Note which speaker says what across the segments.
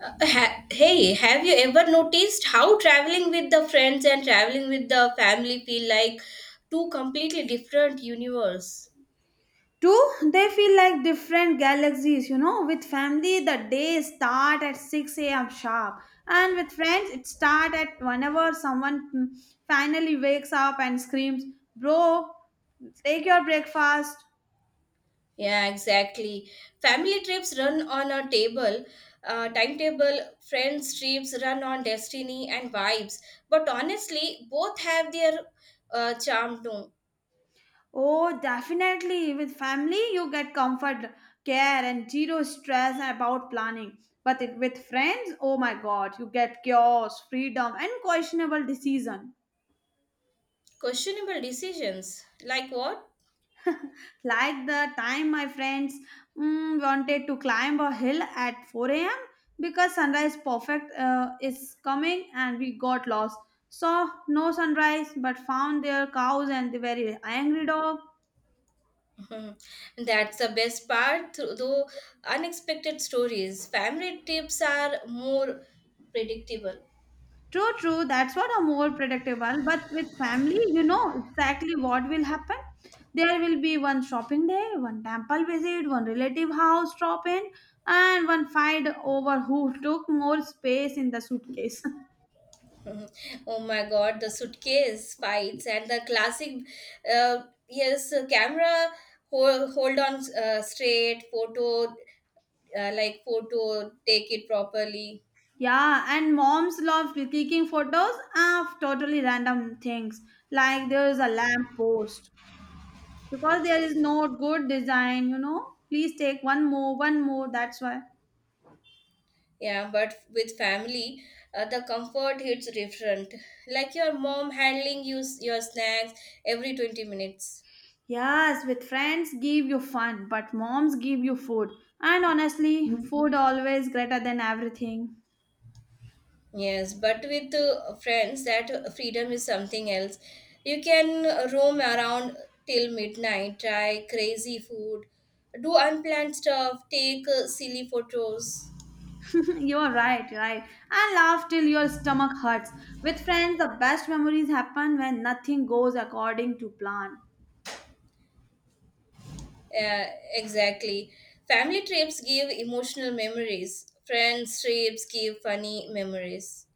Speaker 1: Hey, have you ever noticed how traveling with the friends and traveling with the family feel like two completely different universe?
Speaker 2: Two, they feel like different galaxies. With family, the day start at 6 a.m. sharp, and with friends, it start at whenever someone finally wakes up and screams, "Bro, take your breakfast."
Speaker 1: Yeah, exactly. Family trips run on a timetable, friends trips run on destiny and vibes. But honestly, both have their charm too.
Speaker 2: Oh, definitely. With family, you get comfort, care, and zero stress about planning. But with friends, oh my god, you get chaos, freedom, and questionable decision.
Speaker 1: Questionable decisions. Like what?
Speaker 2: Like the time my friends wanted to climb a hill at 4 a.m. because sunrise perfect is coming and we got lost. Saw no sunrise but found their cows and the very angry dog.
Speaker 1: Mhm. That's the best part, though unexpected stories. Family trips are more predictable.
Speaker 2: True, true, that's what a more predictable. But with family, you know exactly what will happen. There will be one shopping day, one temple visit, one relative house drop in, and one fight over who took more space in the suitcase.
Speaker 1: Mhm. Oh my god, the suitcase fights and the classic, yes, camera hold on straight, photo, take it properly.
Speaker 2: Yeah, and moms love clicking photos of totally random things, like there is a lamp post because there is no good design. Please take one more, one more. That's why.
Speaker 1: Yeah, but with family, the comfort hits different. Like your mom handling your snacks every 20 minutes.
Speaker 2: Yes, with friends give you fun, but moms give you food. And honestly, food always greater than everything.
Speaker 1: Yes, but with friends, that freedom is something else. You can roam around till midnight, try crazy food, do unplanned stuff, take silly photos.
Speaker 2: You are right, right. And laugh till your stomach hurts. With friends, the best memories happen when nothing goes according to plan.
Speaker 1: Uh, exactly. Family trips give emotional memories, friends trips give funny memories.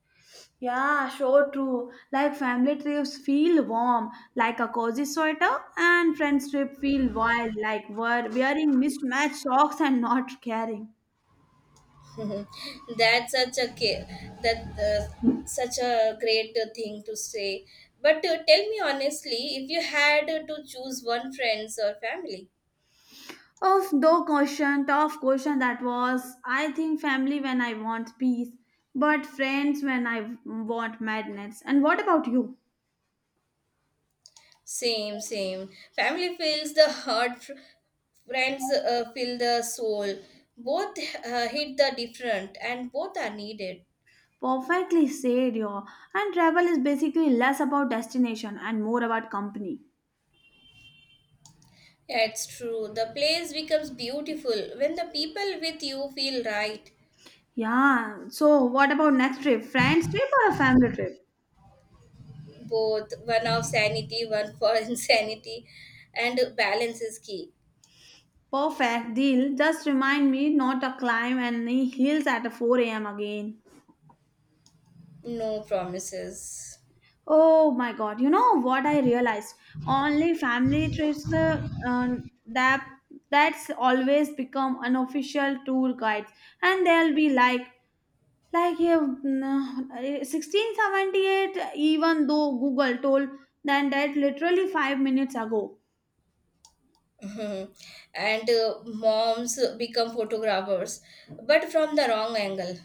Speaker 2: Yeah, sure, true. Like family trips feel warm, like a cozy sweater, and friends trip feel wild, like wearing mismatched socks and not caring.
Speaker 1: That's such a great thing to say. But tell me honestly, if you had to choose one friends or family,
Speaker 2: Tough question that was. I think family when I want peace, but friends when I want madness. And what about you?
Speaker 1: same same. Family fills the heart, friends fill the soul. Both hit the different, and both are needed.
Speaker 2: Perfectly said, yo. And travel is basically less about destination and more about company.
Speaker 1: Yeah, it's true. The place becomes beautiful when the people with you feel right.
Speaker 2: Yeah. So, what about next trip? Friends trip or a family trip?
Speaker 1: Both, one of sanity, one for insanity, and balance is key.
Speaker 2: Perfect deal. Just remind me not to climb any hills at 4 a.m. again.
Speaker 1: No promises.
Speaker 2: Oh my god. You know what I realized? Only family trips um, that that's always become unofficial tour guides, and they'll be like yeah, mm, 1678, even though Google told them that literally 5 minutes ago.
Speaker 1: Mhm. And moms become photographers but from the wrong angle.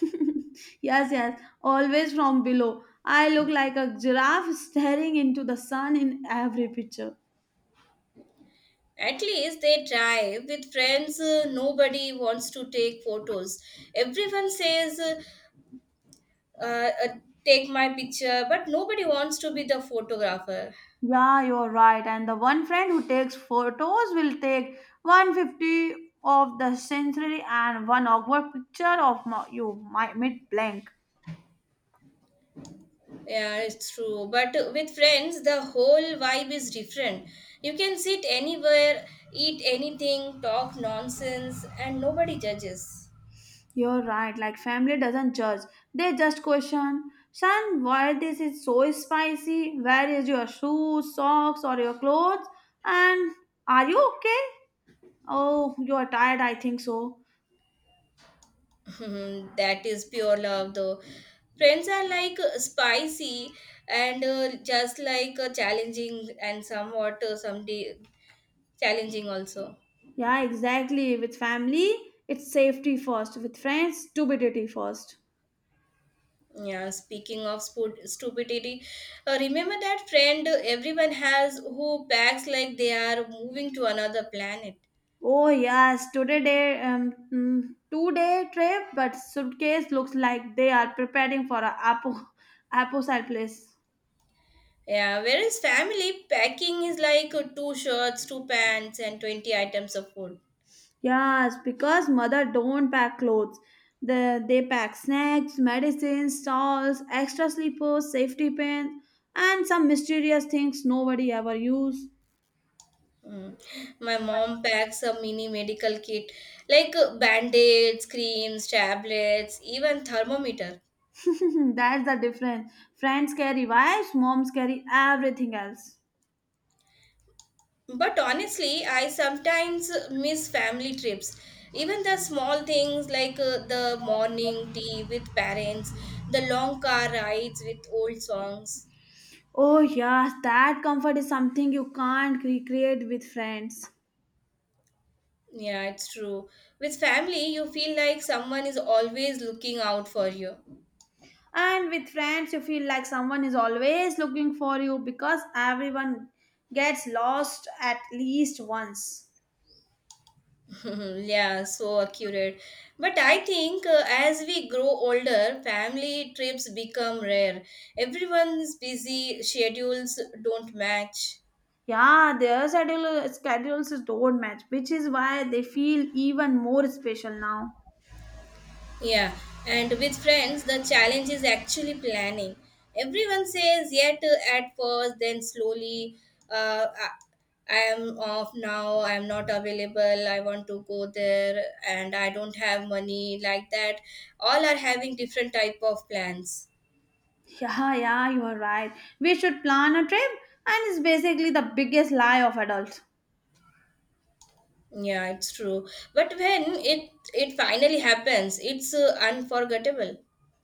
Speaker 2: Yes, yes, always from below. I look like a giraffe staring into the sun in every picture.
Speaker 1: At least they try. With friends nobody wants to take photos, everyone says uh, take my picture but nobody wants to be the photographer.
Speaker 2: Yeah, you're right. And the one friend who takes photos will take 150 of the century and one awkward picture of my mid blank.
Speaker 1: Yeah, it's true. But with friends, the whole vibe is different. You can sit anywhere, eat anything, talk nonsense, and nobody judges.
Speaker 2: You're right. Like family doesn't judge; they just question. Son, why this is so spicy? Where is your shoes, socks, or your clothes? And are you okay? Oh, you're tired, I think so.
Speaker 1: Hmm, that is pure love, though. Friends are like spicy and just like challenging and somewhat someday challenging also.
Speaker 2: Yeah, exactly. With family, it's safety first. With friends, stupidity first.
Speaker 1: Yeah, speaking of stupidity, remember that friend everyone has who packs like they are moving to another planet.
Speaker 2: Oh yes, 2-day trip, but suitcase looks like they are preparing for a apple side place.
Speaker 1: Yeah, whereas family packing is like two shirts, two pants, and 20 items of food.
Speaker 2: Yes, because mother don't pack clothes. They pack snacks, medicines, towels, extra sleepers, safety pins, and some mysterious things nobody ever use.
Speaker 1: Mm. My mom packs a mini medical kit like band-aids, creams, tablets, even thermometer.
Speaker 2: That's the difference. Friends carry wives, moms carry everything else.
Speaker 1: But honestly, I sometimes miss family trips. Even the small things like the morning tea with parents, the long car rides with old songs.
Speaker 2: Oh, yes, that comfort is something you can't recreate with friends.
Speaker 1: Yeah, it's true. With family, you feel like someone is always looking out for you.
Speaker 2: And with friends, you feel like someone is always looking for you because everyone gets lost at least once.
Speaker 1: yeah, so accurate. But I think as we grow older, family trips become rare. Everyone's busy, schedules don't match.
Speaker 2: Yeah, their schedules don't match, which is why they feel even more special now.
Speaker 1: Yeah, and with friends, the challenge is actually planning. Everyone says yet at first, then slowly. Uh, I am off now, I am not available, I want to go there and I don't have money like that. All are having different type of plans.
Speaker 2: Yeah, yeah, you are right. We should plan a trip, and it's basically the biggest lie of adults.
Speaker 1: Yeah, it's true. But when it finally happens, it's unforgettable.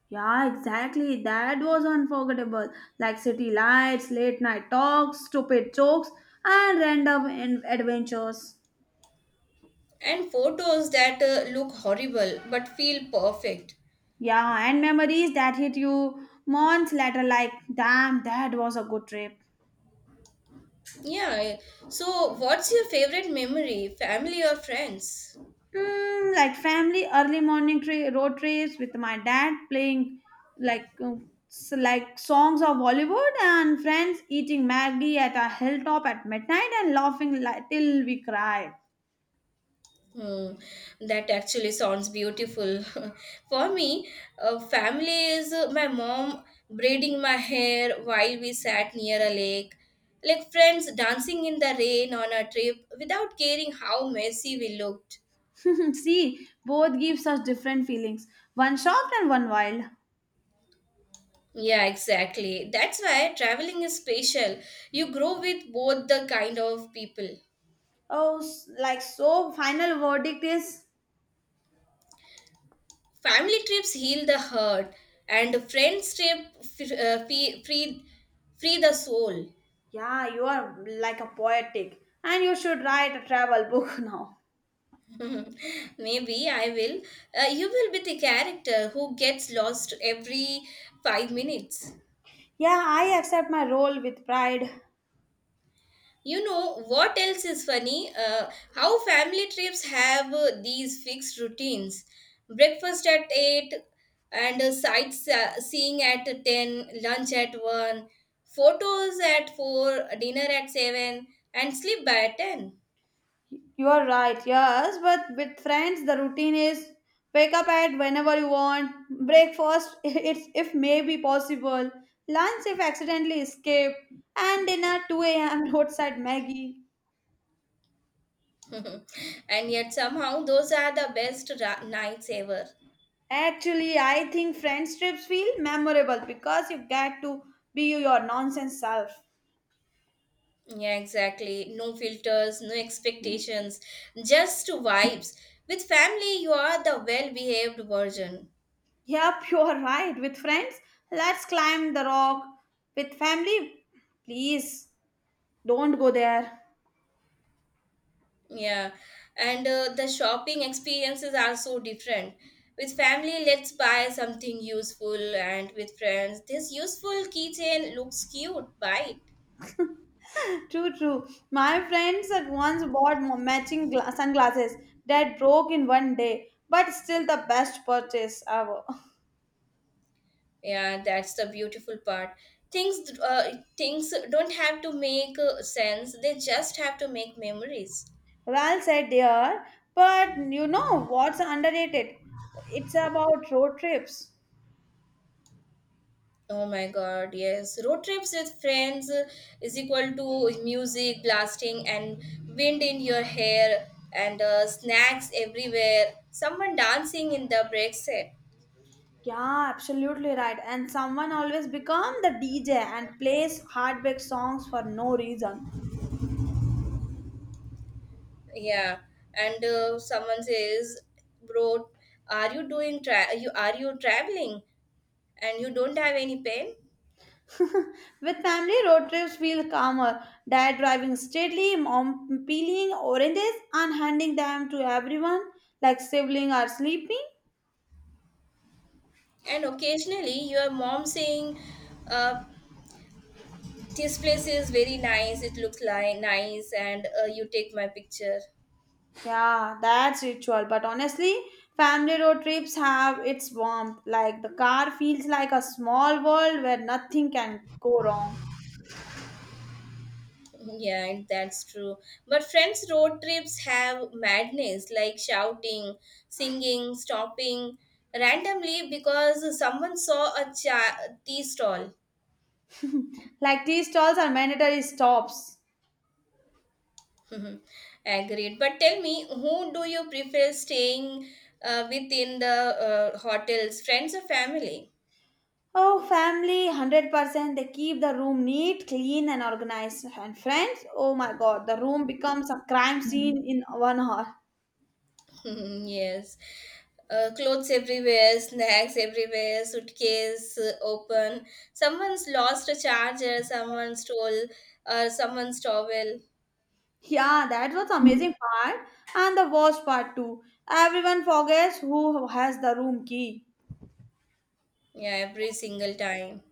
Speaker 2: Yeah, exactly. That was unforgettable. Like city lights, late night talks, stupid jokes, and random adventures.
Speaker 1: And photos that look horrible but feel perfect.
Speaker 2: Yeah, and memories that hit you months later, like, damn, that was a good trip.
Speaker 1: Yeah. So what's your favorite memory? Family or friends?
Speaker 2: Like family early morning road trips with my dad playing like uh, like songs of Bollywood and friends eating Maggie at a hilltop at midnight and laughing till we cried.
Speaker 1: Hmm, that actually sounds beautiful. For me, family is my mom braiding my hair while we sat near a lake, like friends dancing in the rain on a trip without caring how messy we looked.
Speaker 2: See, both give such different feelings. One shocked and one wild.
Speaker 1: Yeah, exactly. That's why traveling is special. You grow with both the kind of people.
Speaker 2: Oh, so, final verdict is,
Speaker 1: Family trips heal the hurt, and friends trip free the soul.
Speaker 2: yeah, you are like a poetic and you should write a travel book now.
Speaker 1: Maybe I will. You will be the character who gets lost every 5 minutes.
Speaker 2: Yeah, I accept my role with pride.
Speaker 1: You know what else is funny? How family trips have these fixed routines. Breakfast at 8 and sightseeing at 10, lunch at 1, photos at 4, dinner at 7, and sleep by 10.
Speaker 2: You are right, yes, but with friends, the routine is wake up at whenever you want, breakfast, it's if may be possible, lunch if accidentally escape, and dinner 2 a.m. roadside Maggie.
Speaker 1: and yet somehow those are the best nights ever.
Speaker 2: Actually, I think friends trips feel memorable because you get to be your nonsense self.
Speaker 1: Yeah, exactly. No filters, no expectations, just vibes. With family, you are the well behaved version.
Speaker 2: Yep, you're right. With friends, let's climb the rock. With family, please don't go there.
Speaker 1: Yeah. And the shopping experiences are so different. With family, let's buy something useful, and with friends, this useful keychain looks cute. Buy it.
Speaker 2: True, true. My friends at once bought matching sunglasses that broke in one day, but still the best purchase ever.
Speaker 1: Yeah, that's the beautiful part. Things don't have to make sense; they just have to make memories.
Speaker 2: Well said, dear. But you know what's underrated? It's about road trips.
Speaker 1: Oh my god, yes. Road trips with friends is equal to music blasting and wind in your hair and snacks everywhere. Someone dancing in the break set.
Speaker 2: Yeah, absolutely right. And someone always become the DJ and plays heartbreak songs for no reason.
Speaker 1: Yeah. And someone says, "Bro, are you doing you traveling and you don't have any pen?"
Speaker 2: With family, road trips feel calmer. Dad driving steadily, mom peeling oranges and handing them to everyone like sibling are sleeping.
Speaker 1: And occasionally your mom saying, uh, "This place is very nice. It looks like nice and you take my picture."
Speaker 2: Yeah, that's ritual. But honestly, family road trips have its warmth. Like the car feels like a small world where nothing can go wrong.
Speaker 1: Yeah, and that's true. But friends' road trips have madness like shouting, singing, stopping randomly because someone saw a tea stall.
Speaker 2: Like tea stalls are mandatory stops.
Speaker 1: Agreed. But tell me, who do you prefer staying with the hotels, friends or family?
Speaker 2: Oh, family, 100%. They keep the room neat, clean, and organized. And friends, oh my god, the room becomes a crime scene in one hour.
Speaker 1: yes. Clothes everywhere, snacks everywhere, suitcase open. Someone's lost a charger, someone stole someone's towel.
Speaker 2: Yeah, that was amazing part. And the worst part too. Everyone forgets who has the room key.
Speaker 1: Yeah, every single time.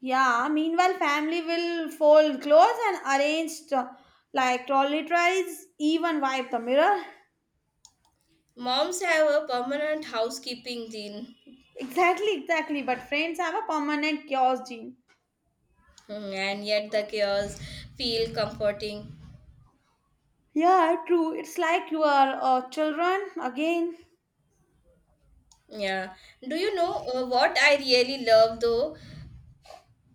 Speaker 2: Yeah, meanwhile, family will fold clothes and arrange to, like trolley tries, even wipe the mirror.
Speaker 1: Moms have a permanent housekeeping gene.
Speaker 2: Exactly, exactly. But friends have a permanent chaos gene.
Speaker 1: Hmm, and yet the chaos feel comforting.
Speaker 2: Yeah, true. It's like you are children again.
Speaker 1: Yeah. Do you know what I really love though?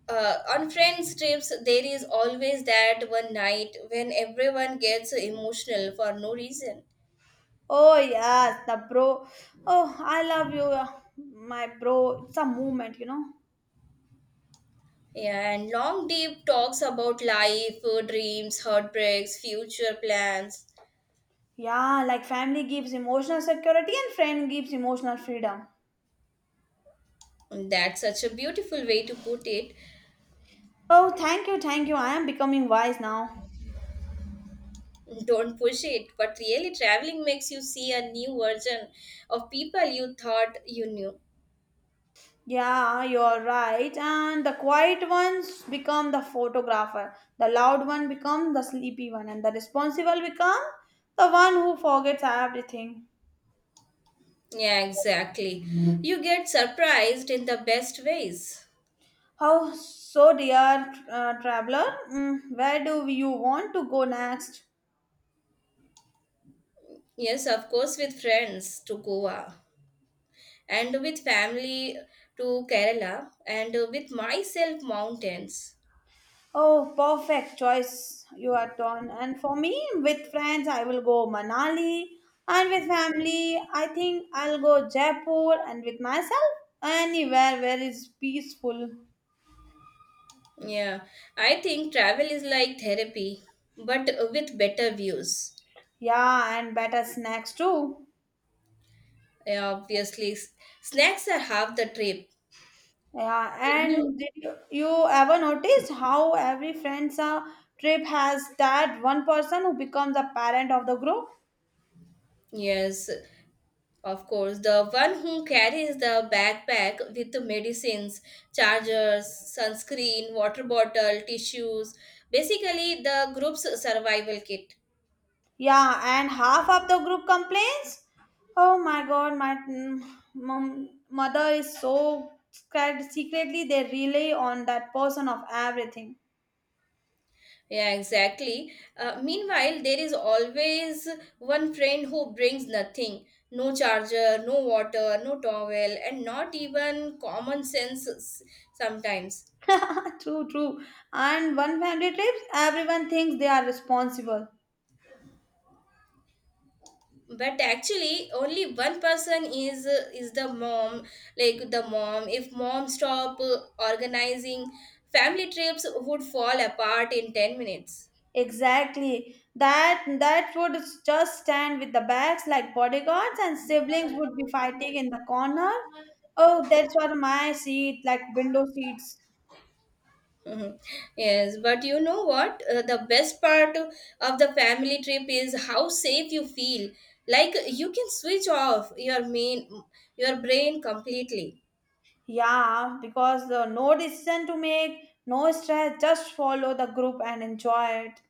Speaker 1: On friends trips, there is always that one night when everyone gets emotional for no reason.
Speaker 2: Oh yes, the bro. Oh, I love you, my bro. It's a movement.
Speaker 1: Yeah, and long deep talks about life, dreams, heartbreaks, future plans.
Speaker 2: Yeah, like family gives emotional security and friend gives emotional freedom.
Speaker 1: That's such a beautiful way to put it.
Speaker 2: Oh, thank you, thank you. I am becoming wise now.
Speaker 1: Don't push it, but really, traveling makes you see a new version of people you thought you knew.
Speaker 2: Yeah, you're right. And the quiet ones become the photographer. The loud one become the sleepy one, and the responsible become the one who forgets everything.
Speaker 1: Yeah, exactly. You get surprised in the best ways.
Speaker 2: How so, dear traveler? Where do you want to go next?
Speaker 1: Yes, of course, with friends to Goa, and with family to Kerala, and with myself, mountains.
Speaker 2: Oh, perfect choice you are done. And for me, with friends, I will go Manali, and with family, I think I'll go Jaipur, and with myself, anywhere where is peaceful.
Speaker 1: Yeah, I think travel is like therapy, but with better views.
Speaker 2: Yeah, and better snacks too.
Speaker 1: Yeah, obviously, snacks are half the trip.
Speaker 2: Yeah,
Speaker 1: You,
Speaker 2: and did you ever notice how every friend's trip has that one person who becomes a parent of the group?
Speaker 1: yes, of course. The one who carries the backpack with the medicines, chargers, sunscreen, water bottle, tissues, basically the group's survival kit.
Speaker 2: Yeah, and half of the group complains. Oh my god, my mother is so scared. Secretly, they rely on that person of everything.
Speaker 1: Yeah, exactly. Meanwhile, there is always one friend who brings nothing, no charger, no water, no towel, and not even common sense sometimes.
Speaker 2: True, true. And one family trip, everyone thinks they are responsible.
Speaker 1: But actually, only one person is the mom, like the mom. If mom stop organizing, family trips would fall apart in 10 minutes.
Speaker 2: Exactly. That would just stand with the bags like bodyguards, and siblings would be fighting in the corner. Oh, that's what my seat, like window seats.
Speaker 1: Mhm. Yes, but you know what? The best part of the family trip is how safe you feel. Like you can switch off your main your brain completely.
Speaker 2: Yeah, because no decision to make, no stress, just follow the group and enjoy it.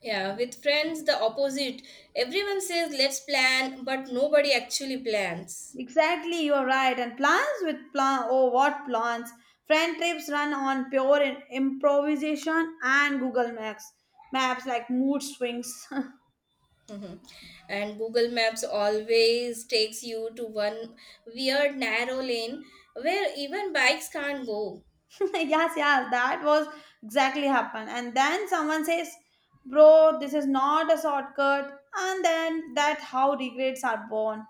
Speaker 1: Yeah, with friends the opposite. Everyone says let's plan, but nobody actually plans.
Speaker 2: Exactly, you're right. And plans with plan, oh, what plans? Friend trips run on pure improvisation and Google Maps like mood swings.
Speaker 1: Mhm. And Google Maps always takes you to one weird narrow lane where even bikes can't go.
Speaker 2: Yes, yes, that was exactly happened. And then someone says, "Bro, this is not a shortcut," and then that how regrets are born.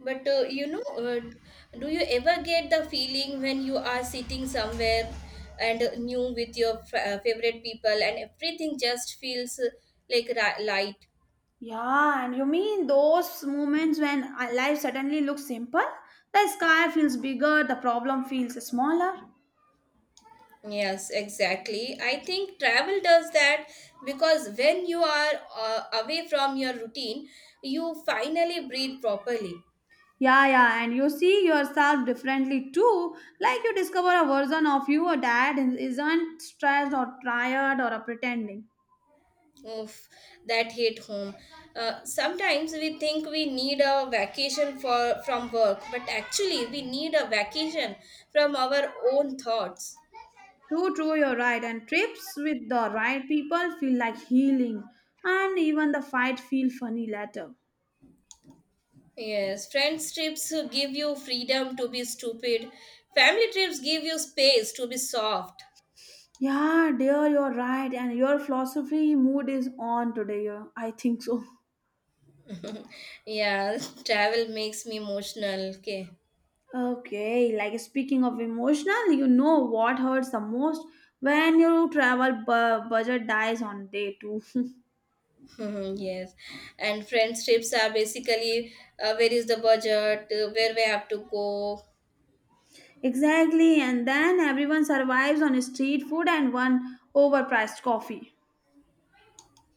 Speaker 1: But do you ever get the feeling when you are sitting somewhere and new with your favorite people and everything just feels light?
Speaker 2: Yeah, and you mean those moments when life suddenly looks simple? The sky feels bigger, the problem feels smaller.
Speaker 1: Yes, exactly. I think travel does that because when you are away from your routine, you finally breathe properly.
Speaker 2: Yeah, yeah, and you see yourself differently too. Like you discover a version of you or that isn't stressed or tired or pretending.
Speaker 1: Of that hit home. Sometimes we think we need a vacation for from work, but actually we need a vacation from our own thoughts.
Speaker 2: True, true, you're right. And trips with the right people feel like healing, and even the fight feel funny later.
Speaker 1: Yes, friends trips give you freedom to be stupid. Family trips give you space to be soft.
Speaker 2: Yeah, dear, you're right. And your philosophy mood is on today. Yeah, I think so.
Speaker 1: Yeah, travel makes me emotional. Okay.
Speaker 2: Okay, like speaking of emotional, you know what hurts the most when your travel budget dies on day two.
Speaker 1: yes, and friends trips are basically where is the budget, where we have to go.
Speaker 2: Exactly, and then everyone survives on street food and one overpriced coffee.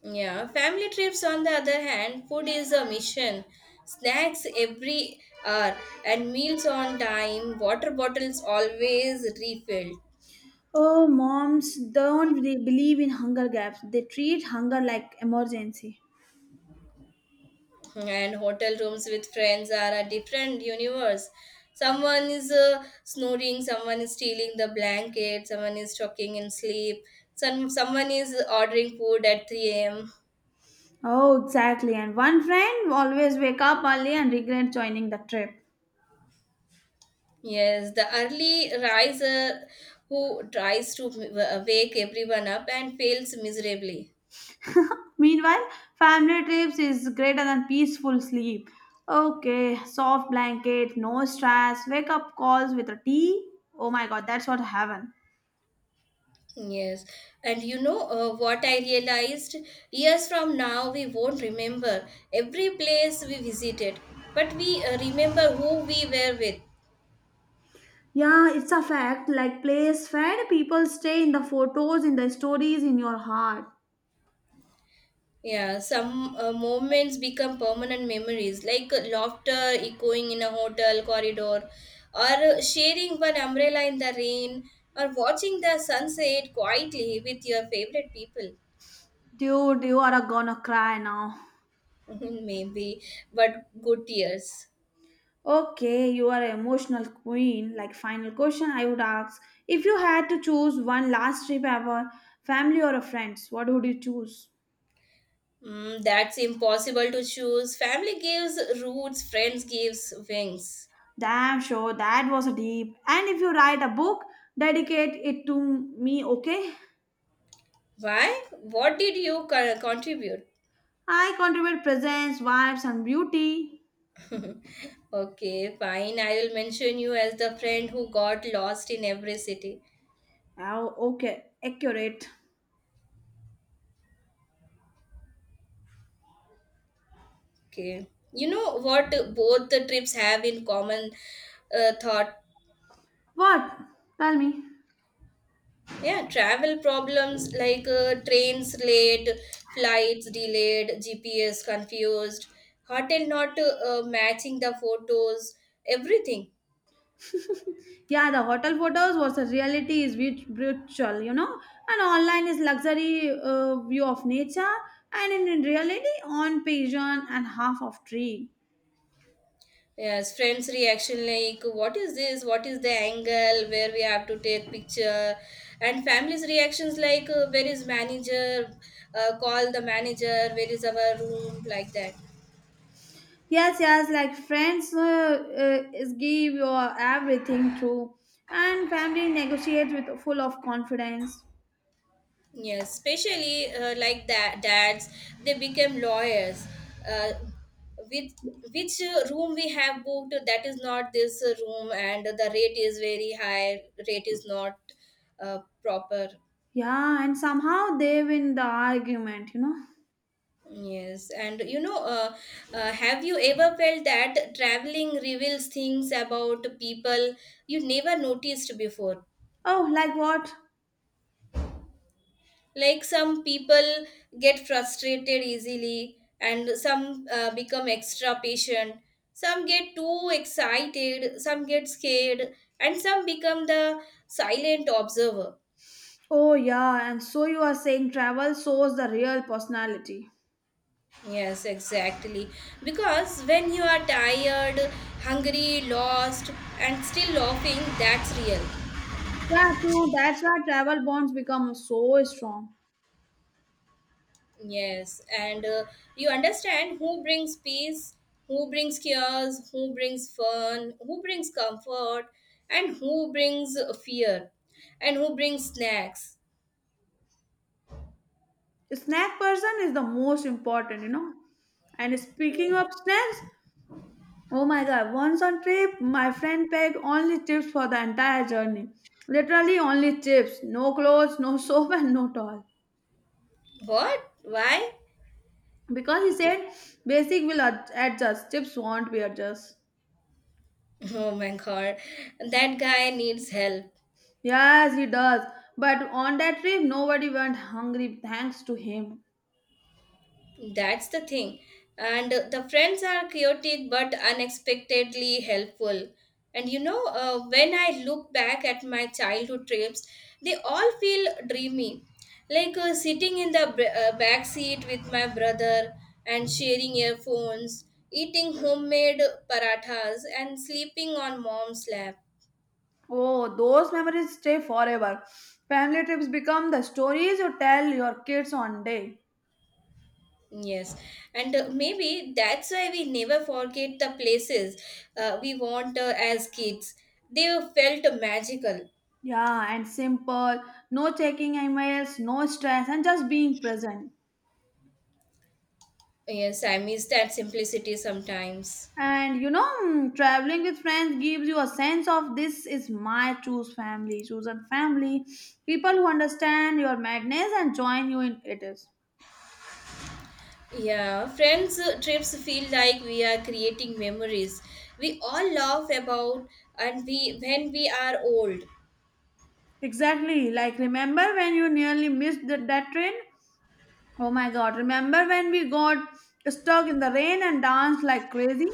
Speaker 1: Yeah, family trips on the other hand, food is a mission. Snacks every hour and meals on time, water bottles always refilled,
Speaker 2: Oh, moms don't really believe in hunger gaps. They treat hunger like emergency.
Speaker 1: and hotel rooms with friends are a different universe. Someone is snoring, someone is stealing the blanket, someone is talking in sleep, someone is ordering food at 3 am.
Speaker 2: Oh, exactly. And one friend always wake up early and regret joining the trip.
Speaker 1: Yes, the early riser who tries to wake everyone up and fails miserably.
Speaker 2: Meanwhile, family trips is greater than peaceful sleep. Okay, soft blanket, no stress, wake up calls with a tea. Oh my god, that's what heaven.
Speaker 1: Yes, and you know what I realized? Years from now, we won't remember every place we visited, but we remember who we were with.
Speaker 2: Yeah, it's a fact. Like place fed, people stay in the photos, in the stories, in your heart.
Speaker 1: Yeah, some moments become permanent memories, like laughter echoing in a hotel corridor, or sharing one umbrella in the rain, or watching the sunset quietly with your favorite people.
Speaker 2: Dude, you are gonna cry now.
Speaker 1: Maybe, but good tears.
Speaker 2: Okay, you are an emotional queen. Like final question, I would ask: if you had to choose one last trip ever, family or a friends, what would you choose?
Speaker 1: Mm, that's impossible to choose. Family gives roots, friends gives wings.
Speaker 2: Damn sure that was a deep. And if you write a book, dedicate it to me, okay?
Speaker 1: Why? What did you contribute?
Speaker 2: I contribute presence, vibes, and beauty.
Speaker 1: Okay, fine. I will mention you as the friend who got lost in every city.
Speaker 2: Oh, okay, accurate.
Speaker 1: Okay. You know what both the trips have in common thought?
Speaker 2: What? Tell me.
Speaker 1: Yeah, travel problems like trains late, flights delayed, GPS confused, hotel not matching the photos, everything.
Speaker 2: Yeah, the hotel photos was a reality is virtual, and online is luxury view of nature, and in reality, on pigeon and half of tree.
Speaker 1: Yes, friends' reaction like, what is this? What is the angle where we have to take picture? And families' reactions like, where is manager? Call the manager. Where is our room? Like that.
Speaker 2: Yes, yes, like friends is give your everything to, and family negotiates with full of confidence.
Speaker 1: Yes, especially like that dads, they became lawyers. Uh, with which room we have booked that is not this room and the rate is very high, rate is not proper.
Speaker 2: Yeah, and somehow they win the argument.
Speaker 1: Yes, and you know, have you ever felt that traveling reveals things about people you never noticed before?
Speaker 2: Oh, like what?
Speaker 1: Like some people get frustrated easily, and some become extra patient, some get too excited, some get scared, and some become the silent observer.
Speaker 2: Oh, yeah, and so you are saying travel shows the real personality.
Speaker 1: Yes, exactly. Because when you are tired, hungry, lost, and still laughing, that's real.
Speaker 2: Yeah, true. That's why travel bonds become so strong.
Speaker 1: Yes, and you understand who brings peace, who brings cares, who brings fun, who brings comfort, and who brings fear, and who brings snacks.
Speaker 2: Snack person is the most important. And speaking
Speaker 1: Uh,
Speaker 2: of snacks, oh my god, once on trip, my friend packed only chips for the entire journey. Literally only chips, no clothes, no soap, and no towel.
Speaker 1: What? Why?
Speaker 2: Because he said basic will adjust, chips won't be adjust.
Speaker 1: Oh my god, that guy needs help.
Speaker 2: Yes, he does. But on that trip, nobody went hungry thanks to him.
Speaker 1: That's the thing. And the friends are chaotic but unexpectedly helpful. And you know, when I look back at my childhood trips, they all feel dreamy. Like sitting in the back seat with my brother and sharing earphones, eating homemade parathas, and sleeping on mom's lap.
Speaker 2: Oh, those memories stay forever. Family trips become the stories you tell your kids on day.
Speaker 1: Yes, and maybe that's why we never forget the places we want as kids. They felt magical.
Speaker 2: Yeah, and simple, no checking emails, no stress, and just being present.
Speaker 1: Yes, I miss that simplicity sometimes.
Speaker 2: And traveling with friends gives you a sense of this is my chosen family, people who understand your madness and join you in it is.
Speaker 1: Yeah, friends' trips feel like we are creating memories. We all laugh about, and we when we are old,
Speaker 2: Exactly. Like remember when you nearly missed that train? Oh my god, remember when we got stuck in the rain and danced like crazy?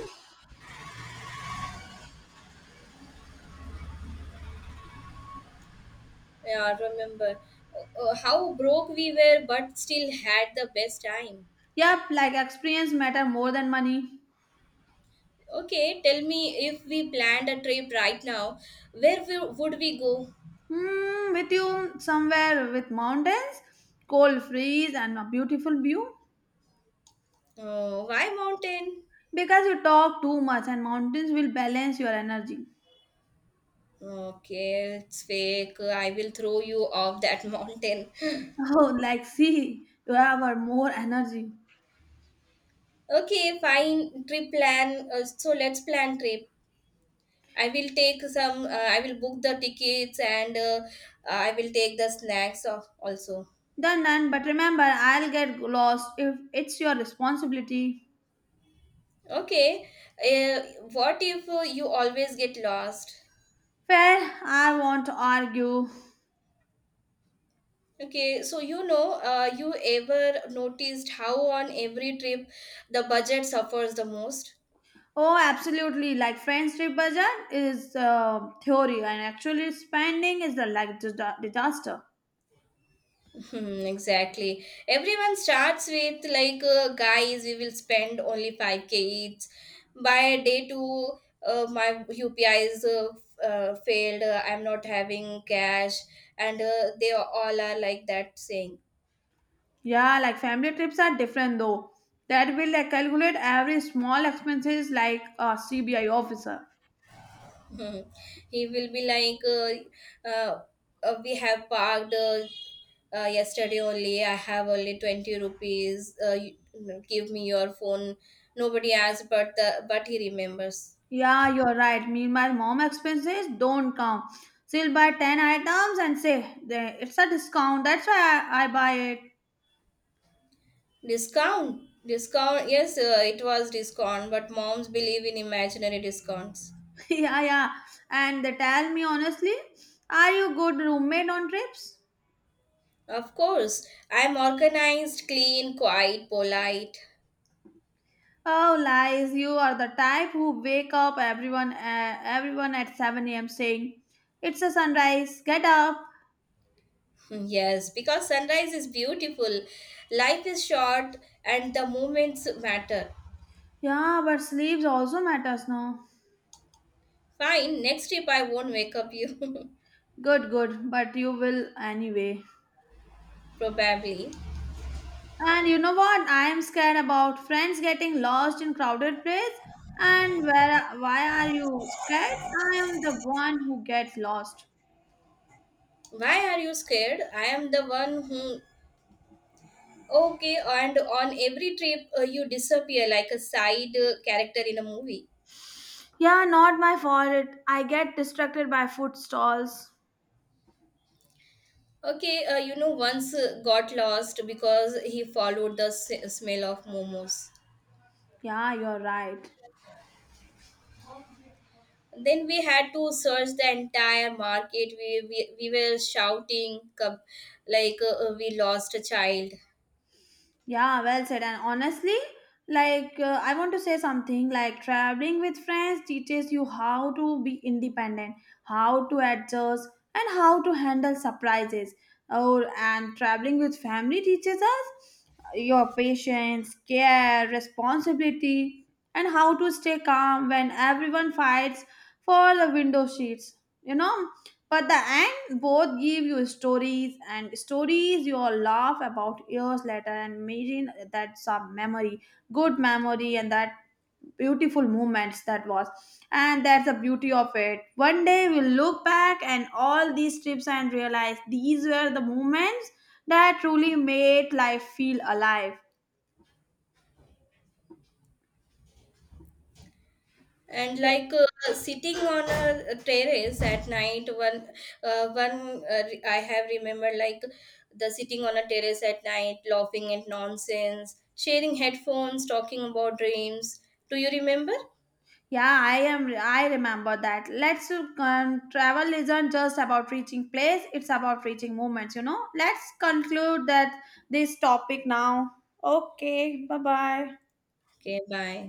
Speaker 1: yeah, remember how broke we were, but still had the best time.
Speaker 2: Yep, like experience matter more than money.
Speaker 1: Okay, tell me if we planned a trip right now, would we go?
Speaker 2: With you somewhere with mountains, cold freeze and a beautiful view.
Speaker 1: Why mountain?
Speaker 2: Because you talk too much and mountains will balance your energy.
Speaker 1: Okay, it's fake. I will throw you off that mountain.
Speaker 2: Oh, like see, you have a more energy.
Speaker 1: Okay, fine. Trip plan. So let's plan trip. I will take some. I will book the tickets and I will take the snacks of also.
Speaker 2: Done, done. But remember, I'll get lost if it's your responsibility.
Speaker 1: Okay. Uh, what if you always get lost?
Speaker 2: Fair, I won't argue.
Speaker 1: Okay, so you know, you ever noticed how on every trip the budget suffers the most?
Speaker 2: Oh, absolutely. Like friendship budget is theory, and actually spending is the like disaster.
Speaker 1: Hmm, exactly. Everyone starts with like, guys, we will spend only 5k each. By day two, my UPI is failed. I'm not having cash, and they all are like that saying.
Speaker 2: Yeah, like family trips are different though. That will like, calculate every small expenses like a CBI officer.
Speaker 1: Hmm. He will be like, we have parked. Yesterday only I have only 20 rupees give me your phone, nobody asked but the but he remembers.
Speaker 2: Yeah, you're right. Meanwhile, mom expenses don't count. She'll buy 10 items and say, "It's a discount. That's why I buy it."
Speaker 1: Discount, discount, yes, it was discount, but moms believe in imaginary discounts.
Speaker 2: Yeah, yeah. And they tell me honestly, are you good roommate on trips?
Speaker 1: Of course I'm organized, clean, quiet, polite.
Speaker 2: Oh, lies. You are the type who wake up everyone at 7 a.m. saying, it's a sunrise. Get up.
Speaker 1: yes, because sunrise is beautiful, life is short, and the moments matter.
Speaker 2: Yeah, but sleeps also matters, no?
Speaker 1: Fine, next trip I won't wake up you.
Speaker 2: Good, good. But you will anyway.
Speaker 1: probably.
Speaker 2: And you know what? I am scared about friends getting lost in crowded place. And where? Why are you scared? I am the one who gets lost.
Speaker 1: Why are you scared? I am the one who. Okay, and on every trip, you disappear like a side character in a movie.
Speaker 2: Yeah, not my fault. I get distracted by food stalls.
Speaker 1: Okay, you know, once got lost because he followed the smell of momos.
Speaker 2: Yeah, you're right.
Speaker 1: Then we had to search the entire market. We were shouting, we lost a child.
Speaker 2: Yeah, well said. And honestly, like I want to say something like traveling with friends teaches you how to be independent, how to adjust, and how to handle surprises. Oh, and traveling with family teaches us your patience, care, responsibility, and how to stay calm when everyone fights for the window seats. You know, but the end, both give you stories and stories you'll laugh about years later and imagine that's a memory, good memory, and that beautiful moments that was. And that's the beauty of it. One day we'll look back and all these trips and realize these were the moments that truly made life feel alive.
Speaker 1: And like sitting on a terrace at night I have remembered like the sitting on a terrace at night laughing at nonsense, sharing headphones, talking about dreams, do you remember?
Speaker 2: Yeah, I am. I remember that. Let's travel isn't just about reaching place; it's about reaching moments. You know. Let's conclude that this topic now. Okay. Bye bye.
Speaker 1: Okay, bye.